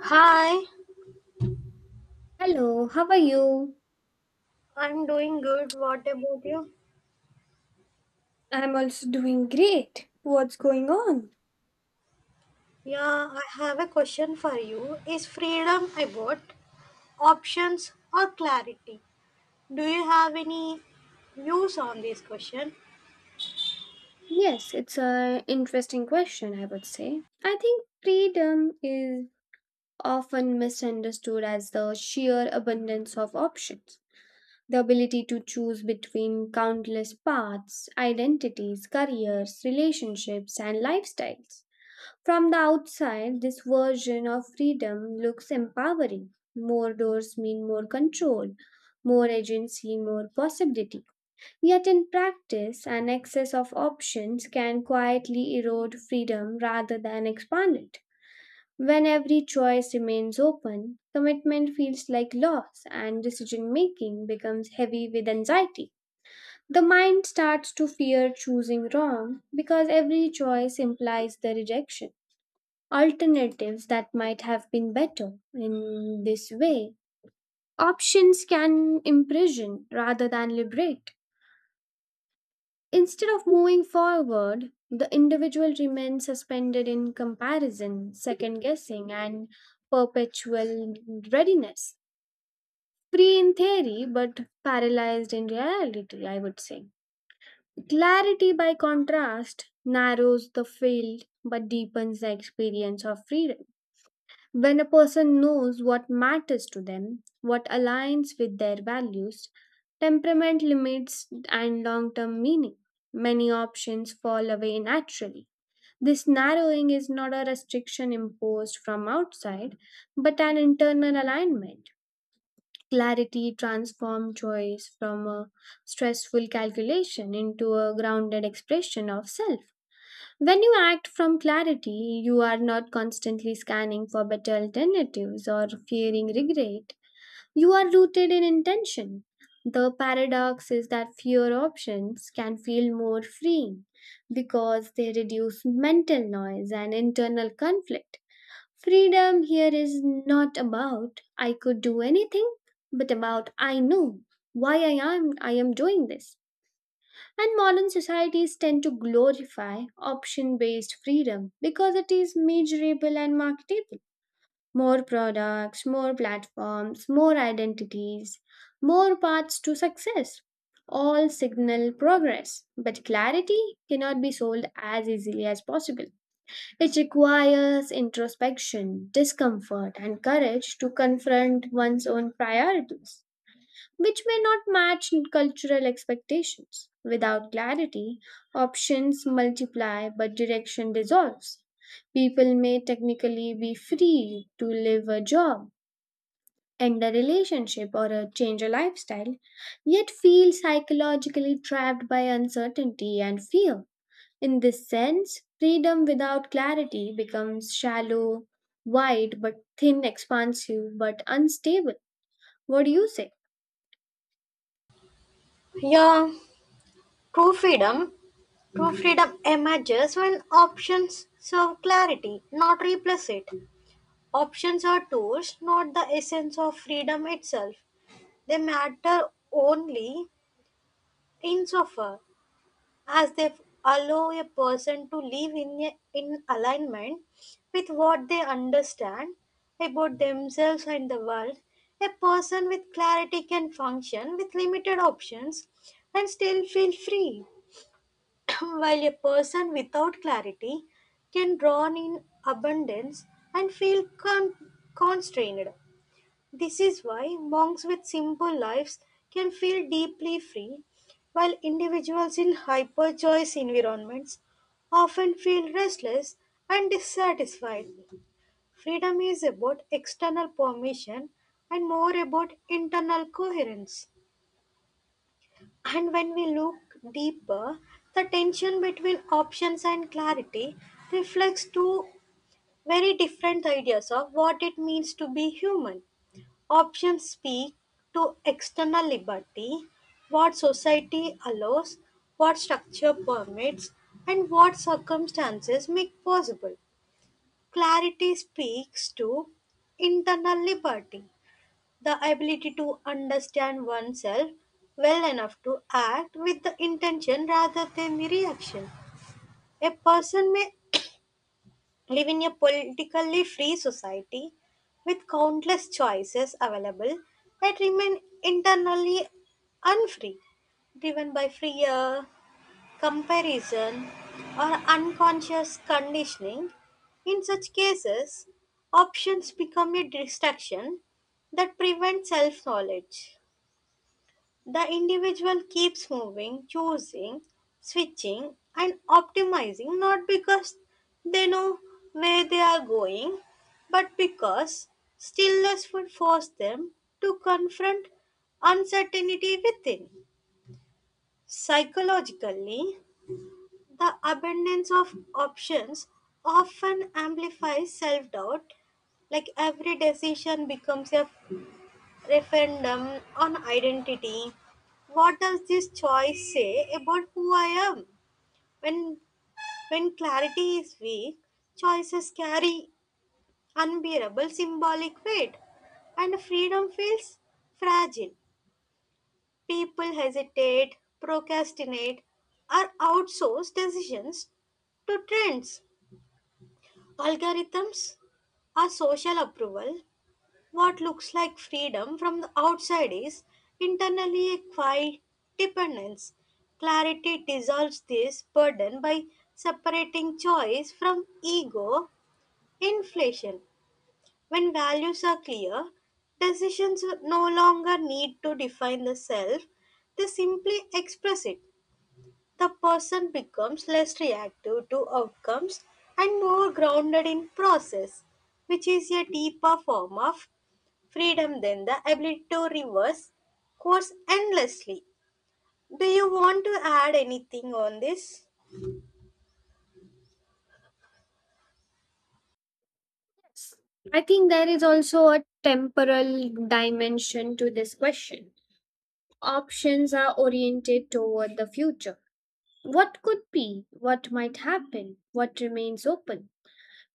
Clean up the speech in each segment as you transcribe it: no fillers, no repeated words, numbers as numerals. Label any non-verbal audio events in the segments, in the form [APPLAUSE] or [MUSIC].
Hi, Hello, how are you? I'm doing good. What about you? I'm also doing great. What's going on? Yeah, I have a question for you. Is freedom about options or clarity? Do you have any views on this question? Yes, it's an interesting question, I would say. I think freedom is often misunderstood as the sheer abundance of options, the ability to choose between countless paths, identities, careers, relationships, and lifestyles. From the outside, this version of freedom looks empowering. More doors mean more control, more agency, more possibility. Yet, in practice, an excess of options can quietly erode freedom rather than expand it. When every choice remains open, commitment feels like loss and decision making becomes heavy with anxiety. The mind starts to fear choosing wrong because every choice implies the rejection alternatives that might have been better. In this way, options can imprison rather than liberate. Instead of moving forward, the individual remains suspended in comparison, second guessing, and perpetual readiness. Free in theory, but paralyzed in reality, I would say. Clarity, by contrast, narrows the field but deepens the experience of freedom. When a person knows what matters to them, what aligns with their values, temperament limits, and long term meaning, many options fall away naturally. This narrowing is not a restriction imposed from outside, but an internal alignment. Clarity transforms choice from a stressful calculation into a grounded expression of self. When you act from clarity, you are not constantly scanning for better alternatives or fearing regret. You are rooted in intention. The paradox is that fewer options can feel more freeing because they reduce mental noise and internal conflict. Freedom here is not about I could do anything, but about I know why I am doing this. And modern societies tend to glorify option based freedom because it is measurable and marketable. More products, more platforms, more identities, more paths to success all signal progress, but clarity cannot be sold as easily as possible. It requires introspection, discomfort, and courage to confront one's own priorities which may not match cultural expectations. Without clarity, options multiply but direction dissolves. People may technically be free to live a job, end a relationship, or change a lifestyle, yet feel psychologically trapped by uncertainty and fear. In this sense, freedom without clarity becomes shallow, wide but thin, expansive but unstable. What do you say? Yeah, true freedom. True freedom emerges when options serve clarity, not replace it. Options are tools, not the essence of freedom itself. They matter only insofar as they allow a person to live in alignment with what they understand about themselves and the world. A person with clarity can function with limited options and still feel free [CLEARS THROAT] while a person without clarity can drawn in abundance and feel constrained. This is why monks with simple lives can feel deeply free, while individuals in hyper-choice environments often feel restless and dissatisfied. Freedom is about external permission and more about internal coherence. And when we look deeper, the tension between options and clarity reflects two very different ideas of what it means to be human. Options speak to external liberty, what society allows, what structure permits, and what circumstances make possible. Clarity speaks to internal liberty, the ability to understand oneself well enough to act with the intention rather than the reaction. A person may live in a politically free society with countless choices available that remain internally unfree, driven by fear, comparison, or unconscious conditioning. In such cases, options become a distraction that prevents self knowledge. The individual keeps moving, choosing, switching, and optimizing not because they know where they are going, but because stillness would force them to confront uncertainty within. Psychologically, the abundance of options often amplifies self doubt, like every decision becomes a referendum on identity. What does this choice say about who I am? When when clarity is weak, choices carry unbearable symbolic weight, and freedom feels fragile. People hesitate, procrastinate, or outsource decisions to trends, algorithms, or social approval. What looks like freedom from the outside is internally a quiet dependence. Clarity dissolves this burden by separating choice from ego inflation. When values are clear, decisions no longer need to define the self, they simply express it. The person becomes less reactive to outcomes and more grounded in process, which is a deeper form of freedom then the ability to reverse course endlessly. Do you want to add anything on this? I think there is also a temporal dimension to this question. Options are oriented toward the future. What could be, what might happen, what remains open.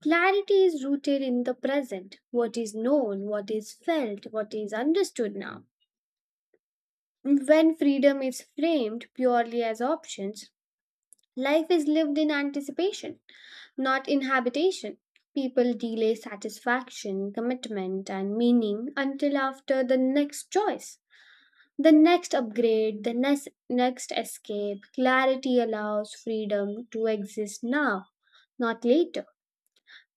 Clarity is rooted in the present, what is known, what is felt, what is understood now. When freedom is framed purely as options, life is lived in anticipation, not in habitation. People delay satisfaction, commitment, and meaning until after the next choice, the next upgrade, the next escape. Clarity allows freedom to exist now, not later.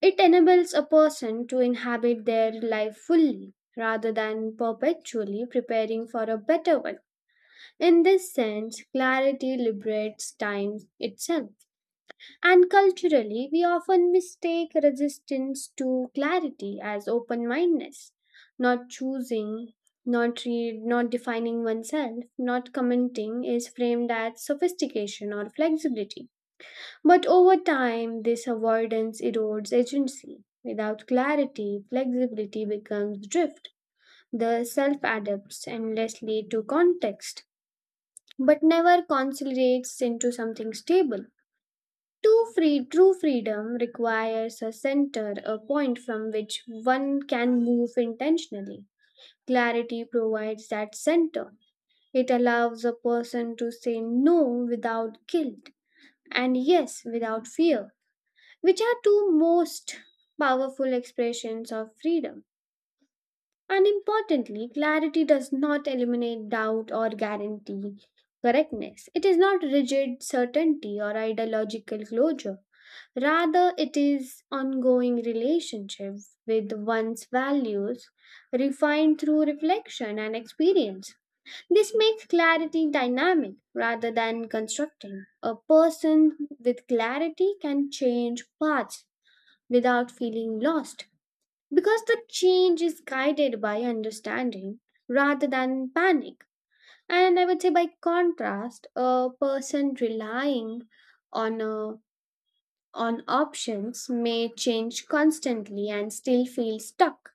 It enables a person to inhabit their life fully rather than perpetually preparing for a better one. In this sense, clarity liberates time itself. And culturally, we often mistake resistance to clarity as open mindedness, not choosing, not defining oneself, not commenting is framed as sophistication or flexibility. But over time, this avoidance erodes agency. Without clarity, flexibility becomes drift. The self adapts endlessly to context, but never consolidates into something stable. True freedom requires a center, a point from which one can move intentionally. Clarity provides that center. It allows a person to say no without guilt and yes without fear, which are two most powerful expressions of freedom. And importantly, clarity does not eliminate doubt or guarantee correctness. It is not rigid certainty or ideological closure. Rather, it is ongoing relationship with one's values refined through reflection and experience. This makes clarity dynamic rather than constructing. A person with clarity can change paths without feeling lost because the change is guided by understanding rather than panic. And I would say, by contrast, a person relying on, uh, on options may change constantly and still feel stuck.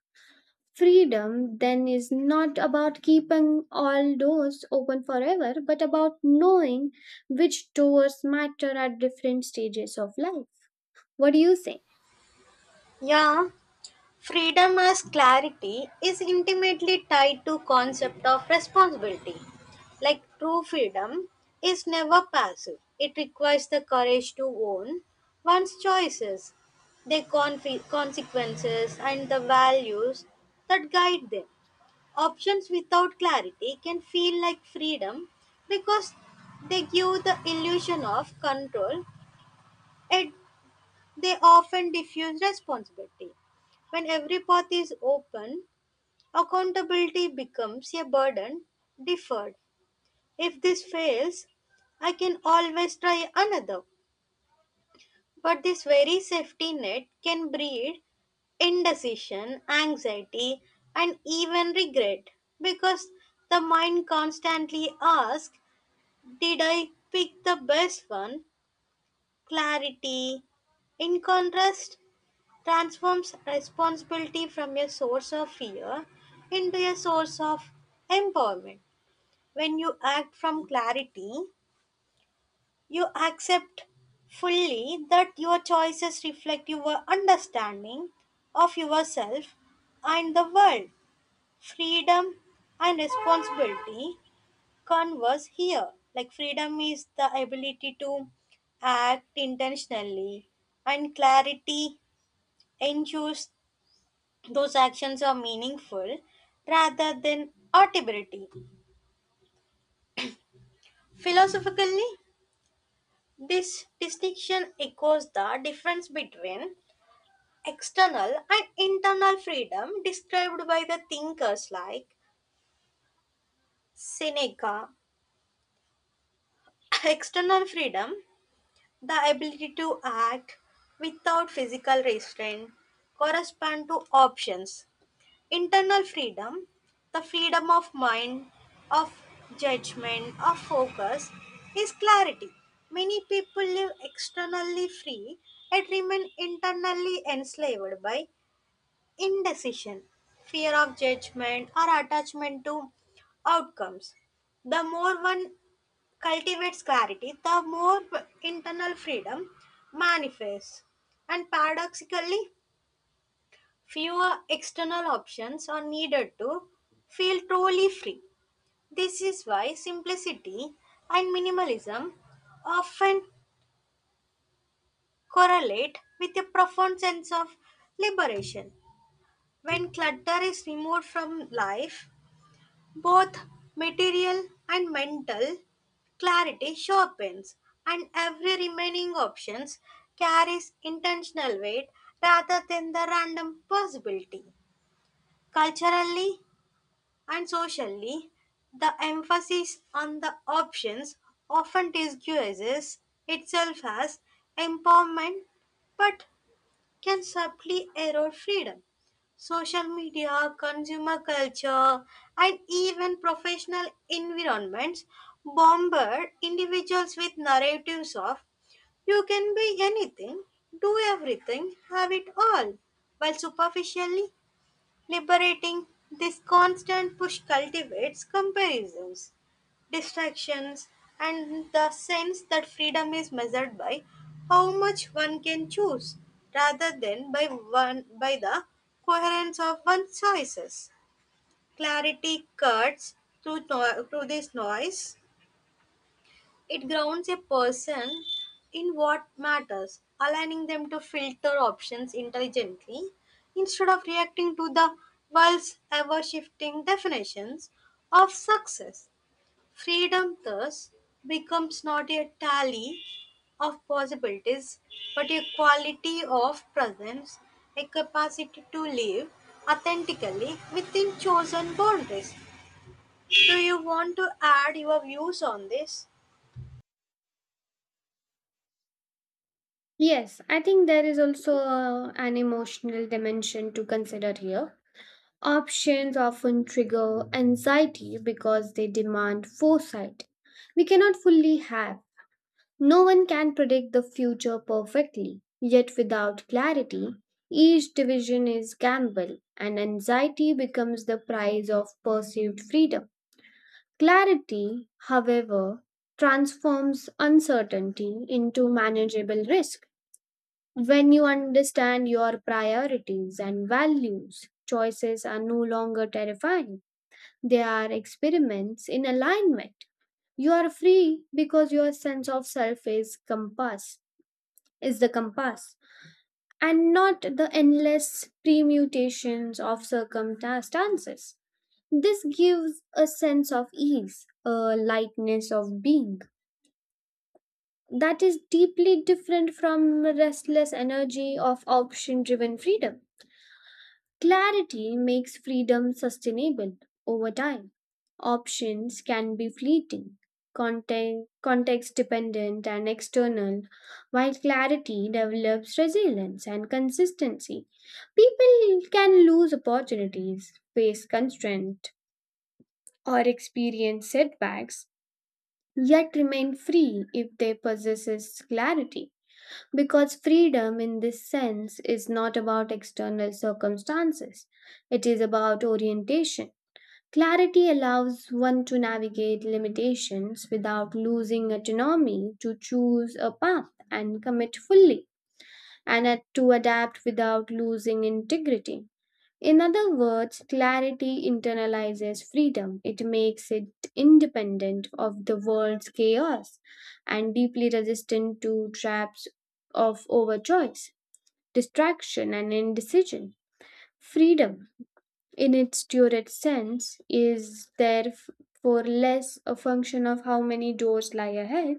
Freedom then is not about keeping all doors open forever, but about knowing which doors matter at different stages of life. What do you say? Yeah, freedom as clarity is intimately tied to concept of responsibility. Like true freedom is never passive. It requires the courage to own one's choices, their consequences and the values that guide them. Options without clarity can feel like freedom because they give the illusion of control and they often diffuse responsibility. When every path is open, accountability becomes a burden deferred. If this fails, I can always try another. But this very safety net can breed indecision, anxiety, and even regret because the mind constantly asks, did I pick the best one? Clarity, in contrast, transforms responsibility from a source of fear into a source of empowerment. When you act from clarity, you accept fully that your choices reflect your understanding of yourself and the world. Freedom and responsibility converse here. Like freedom is the ability to act intentionally, and clarity ensures those actions are meaningful rather than audibility. Philosophically, this distinction echoes the difference between external and internal freedom described by the thinkers like Seneca. [CLEARS THROAT] External freedom, the ability to act without physical restraint, correspond to options. Internal freedom, the freedom of mind, of judgment, of focus, is clarity. Many people live externally free and remain internally enslaved by indecision, fear of judgment, or attachment to outcomes. The more one cultivates clarity, the more internal freedom manifests. And paradoxically, fewer external options are needed to feel truly free. This is why simplicity and minimalism often correlate with a profound sense of liberation. When clutter is removed from life, both material and mental clarity sharpens, and every remaining options carries intentional weight rather than the random possibility. Culturally and socially, the emphasis on the options often disguises itself as empowerment, but can subtly erode freedom. Social media, consumer culture, and even professional environments bombard individuals with narratives of you can be anything, do everything, have it all, while superficially liberating this constant push cultivates comparisons distractions, and the sense that freedom is measured by how much one can choose rather than by the coherence of one's choices. Clarity cuts through, no- through this noise. It grounds a person in what matters, allowing them to filter options intelligently instead of reacting to the world's ever shifting definitions of success. Freedom thus becomes not a tally of possibilities, but a quality of presence, a capacity to live authentically within chosen boundaries. Do you want to add your views on this? Yes, I think there is also an emotional dimension to consider here. Options often trigger anxiety because they demand foresight. We cannot fully have. No one can predict the future perfectly. Yet, without clarity, each division is gamble, and anxiety becomes the price of perceived freedom. Clarity, however, transforms uncertainty into manageable risk. When you understand your priorities and values, choices are no longer terrifying. They are experiments in alignment. You are free because your sense of self is compass, is the compass, and not the endless permutations of circumstances. This gives a sense of ease, a lightness of being that is deeply different from restless energy of option driven freedom. Clarity makes freedom sustainable over time. Options can be fleeting, context dependent, and external, while clarity develops resilience and consistency. People can lose opportunities, face constraint, or experience setbacks, yet remain free if they possess clarity. Because freedom, in this sense, is not about external circumstances, it is about orientation. Clarity allows one to navigate limitations without losing autonomy to choose a path and commit fully, and to adapt without losing integrity. In other words, clarity internalizes freedom. It makes it independent of the world's chaos and deeply resistant to traps of overchoice, distraction, and indecision. Freedom, in its purest sense, is therefore less a function of how many doors lie ahead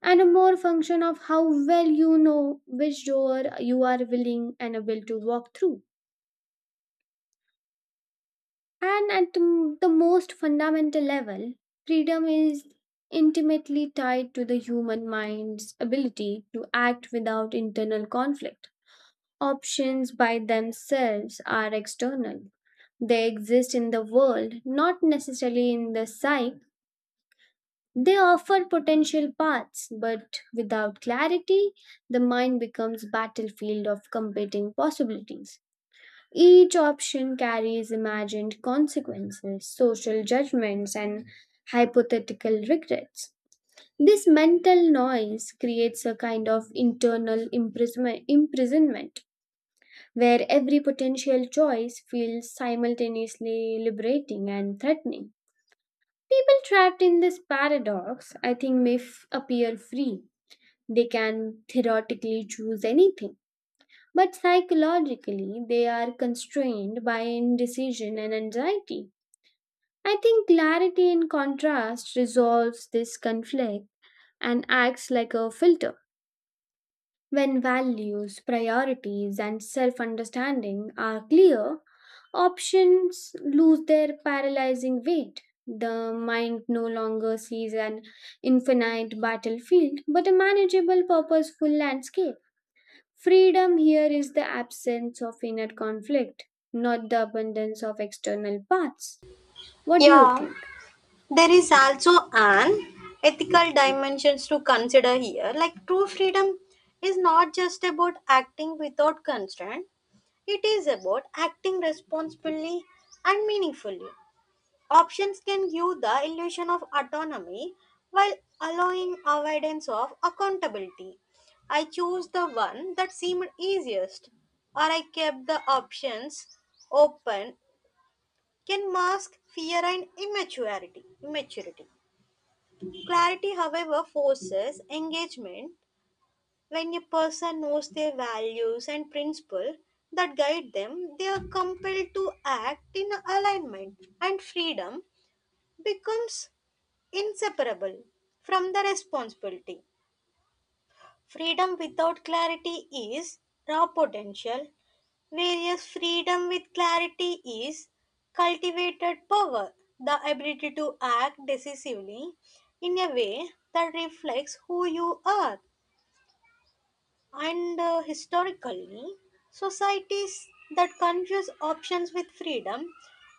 and a more function of how well you know which door you are willing and able to walk through. And at the most fundamental level, freedom is intimately tied to the human mind's ability to act without internal conflict. Options by themselves are external, they exist in the world, not necessarily in the psyche. They offer potential paths, but without clarity, the mind becomes battlefield of competing possibilities. Each option carries imagined consequences, social judgments, and hypothetical regrets. This mental noise creates a kind of imprisonment where every potential choice feels simultaneously liberating and threatening. People trapped in this paradox, I think, appear free. They can theoretically choose anything but psychologically, they are constrained by indecision and anxiety. I think clarity in contrast resolves this conflict and acts like a filter. When values, priorities, and self understanding are clear, options lose their paralyzing weight. The mind no longer sees an infinite battlefield but a manageable, purposeful landscape. Freedom here is the absence of inner conflict, not the abundance of external paths. What do you Yeah, think? there is also an ethical dimensions to consider here. Like true freedom is not just about acting without constraint, it is about acting responsibly and meaningfully. Options can give the illusion of autonomy while allowing avoidance of accountability. I chose the one that seemed easiest, or I kept the options open can mask fear and immaturity. Clarity, however, forces engagement. When a person knows their values and principles that guide them, they are compelled to act in alignment, and freedom becomes inseparable from the responsibility. Freedom without clarity is raw potential, whereas freedom with clarity is cultivated power, the ability to act decisively in a way that reflects who you are. And historically, societies that confuse options with freedom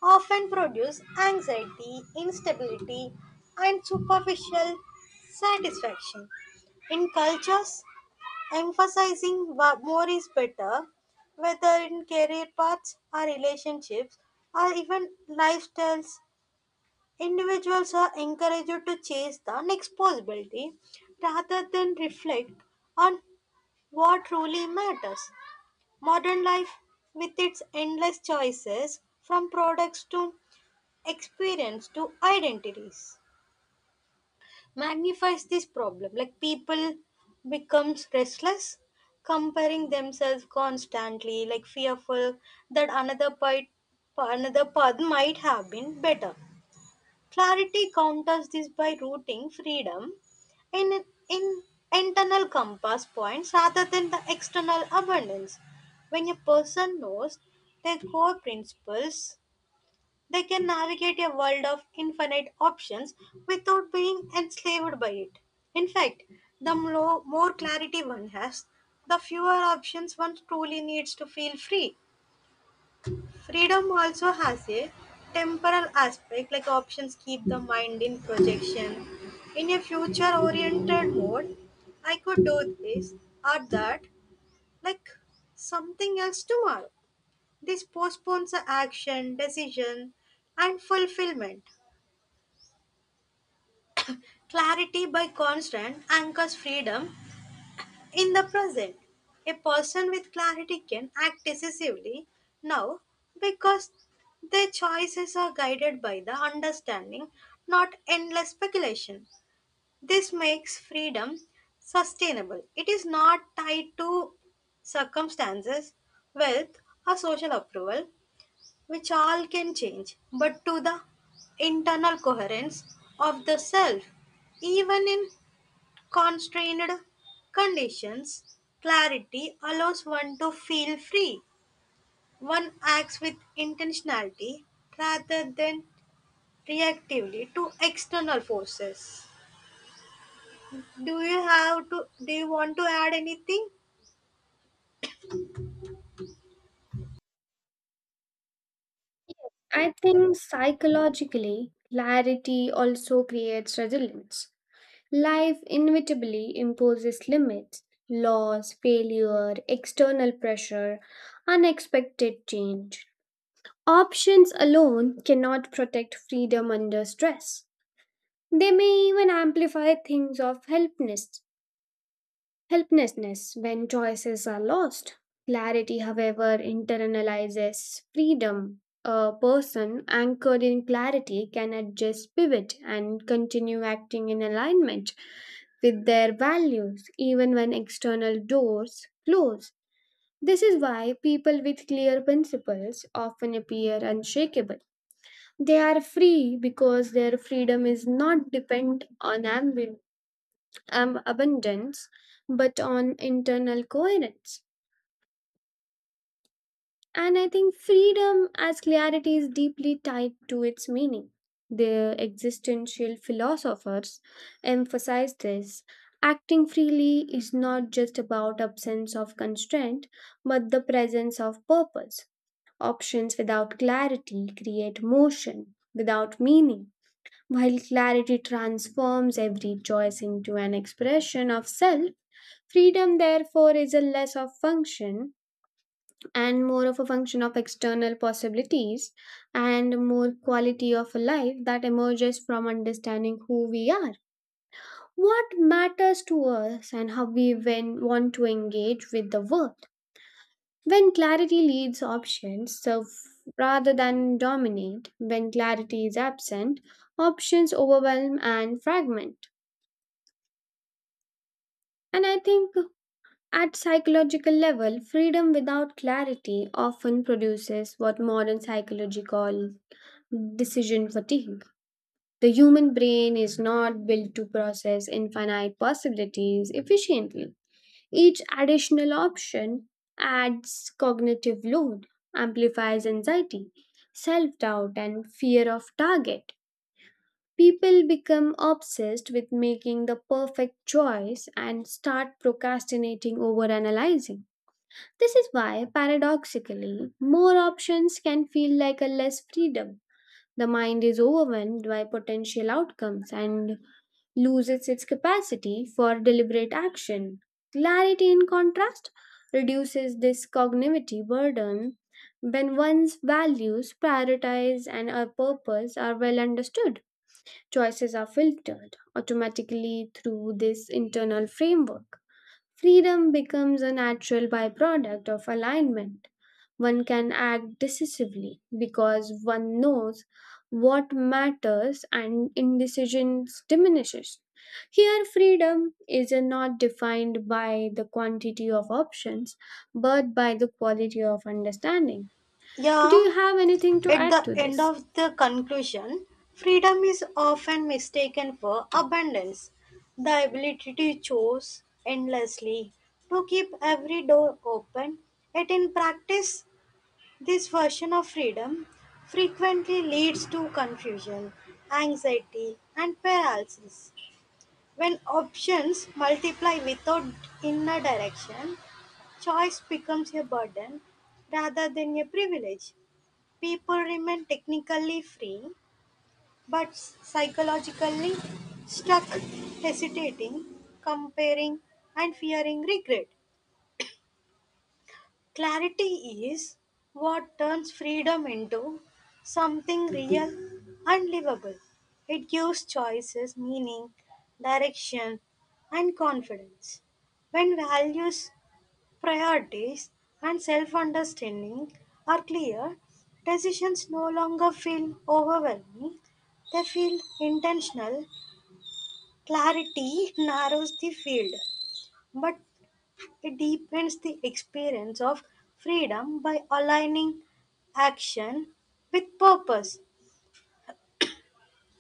often produce anxiety, instability, and superficial satisfaction. In cultures emphasizing more is better, whether in career paths or relationships or even lifestyles, individuals are encouraged to chase the next possibility rather than reflect on what truly matters. Modern life, with its endless choices, from products to experience to identities, magnifies this problem. Like people becomes restless, comparing themselves constantly, like fearful that another part, another path might have been better. Clarity counters this by routing freedom in, in internal compass points rather than the external abundance. When a person knows their core principles, they can navigate a world of infinite options without being enslaved by it. In fact, the more clarity one has, the fewer options one truly needs to feel free. Freedom also has a temporal aspect, like options keep the mind in projection. In a future oriented mode, I could do this or that, like something else tomorrow. This postpones the action, decision, and fulfillment. Clarity by constant anchors freedom in the present. A person with clarity can act decisively now because their choices are guided by the understanding, not endless speculation. This makes freedom sustainable. It is not tied to circumstances, wealth, or social approval, which all can change, but to the internal coherence of the self. Even in constrained conditions, clarity allows one to feel free. One acts with intentionality rather than reactively to external forces. Do you want to add anything? I think psychologically, clarity also creates resilience. Life inevitably imposes limits, loss, failure, external pressure, unexpected change. Options alone cannot protect freedom under stress. They may even amplify things of helplessness when choices are lost. Clarity, however, internalizes freedom. A person anchored in clarity can adjust, pivot, and continue acting in alignment with their values even when external doors close. This is why people with clear principles often appear unshakable. They are free because their freedom is not dependent on ambition abundance, but on internal coherence. And I think freedom as clarity is deeply tied to its meaning. The existential philosophers emphasize this. Acting freely is not just about absence of constraint, but the presence of purpose. Options without clarity create motion without meaning. While clarity transforms every choice into an expression of self, freedom, therefore, is a less of function and more of a function of external possibilities and more quality of life that emerges from understanding who we are, what matters to us, and how we when want to engage with the world. When clarity leads options serve rather than dominate, when clarity is absent, options overwhelm and fragment. And I think at psychological level, freedom without clarity often produces what modern psychology calls decision fatigue. The human brain is not built to process infinite possibilities efficiently. Each additional option adds cognitive load, amplifies anxiety, self doubt, and fear of target. People become obsessed with making the perfect choice and start procrastinating over analyzing. This is why, paradoxically, more options can feel like a less freedom. The mind is overwhelmed by potential outcomes and loses its capacity for deliberate action. Clarity, in contrast, reduces this cognitive burden when one's values, priorities, and a purpose are well understood. Choices are filtered automatically through this internal framework. Freedom becomes a natural byproduct of alignment. One can act decisively because one knows what matters and indecision diminishes. Here, freedom is not defined by the quantity of options but by the quality of understanding. Do Yeah, you have anything to at add the to end this? of the conclusion, freedom is often mistaken for abundance, the ability to choose endlessly, to keep every door open, yet in practice, this version of freedom frequently leads to confusion, anxiety, and paralysis. When options multiply without inner direction, choice becomes a burden rather than a privilege. People remain technically free but psychologically stuck, hesitating, comparing, and fearing regret. Clarity is what turns freedom into something real and livable. It gives choices meaning, direction, and confidence. When values, priorities, and self understanding are clear, decisions no longer feel overwhelming, they feel intentional. Clarity [LAUGHS] narrows the field, but it deepens the experience of freedom by aligning action with purpose.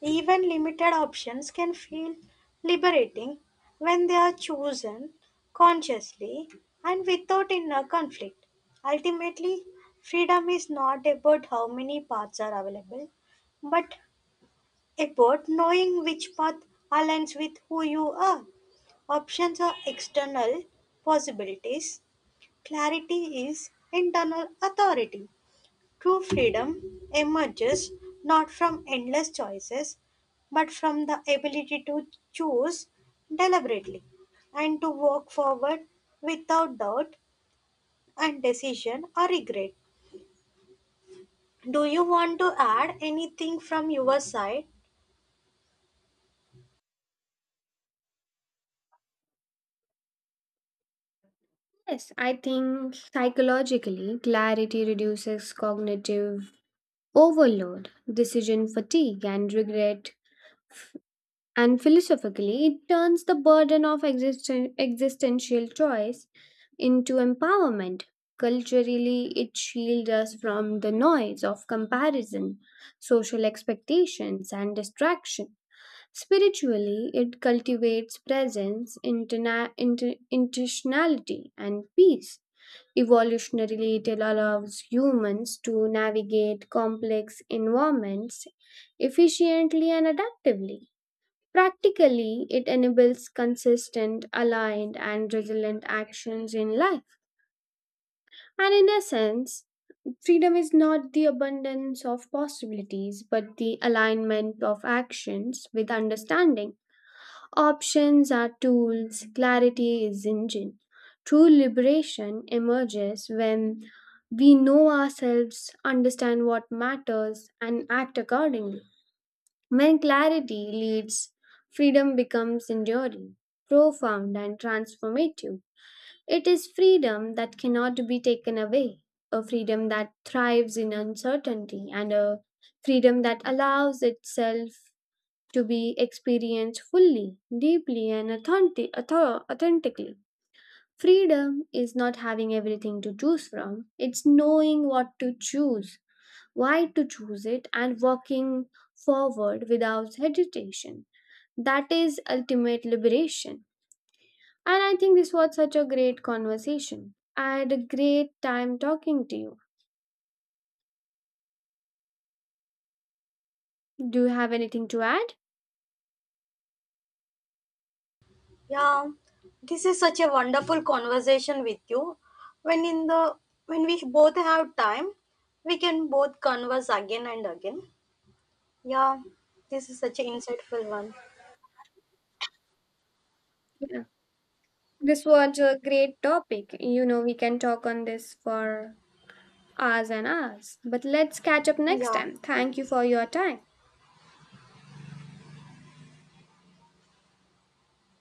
Even limited options can feel liberating when they are chosen consciously and without inner conflict. Ultimately, freedom is not about how many paths are available, but about knowing which path aligns with who you are. Options are external possibilities. Clarity is internal authority. True freedom emerges not from endless choices, but from the ability to choose deliberately and to walk forward without doubt and decision or regret. Do you want to add anything from your side? Yes, I think psychologically, clarity reduces cognitive overload, decision fatigue, and regret. And philosophically, it turns the burden of existential choice into empowerment. Culturally, it shields us from the noise of comparison, social expectations, and distraction. Spiritually, it cultivates presence, intentionality, and peace. Evolutionarily, it allows humans to navigate complex environments efficiently and adaptively. Practically, it enables consistent, aligned, and resilient actions in life. And in essence, freedom is not the abundance of possibilities, but the alignment of actions with understanding. Options are tools, clarity is engine. True liberation emerges when we know ourselves, understand what matters, and act accordingly. When clarity leads, freedom becomes enduring, profound, and transformative. It is freedom that cannot be taken away, a freedom that thrives in uncertainty, and a freedom that allows itself to be experienced fully, deeply, and authentically. Freedom is not having everything to choose from, it's knowing what to choose, why to choose it, and walking forward without hesitation. That is ultimate liberation. And I think this was such a great conversation. I had a great time talking to you. Do you have anything to add? Yeah, this is such a wonderful conversation with you. When in the when we both have time, we can both converse again and again. Yeah, this is such an insightful one. Yeah. This was a great topic. You know, we can talk on this for hours and hours. But let's catch up next Yeah, time. Thank you for your time.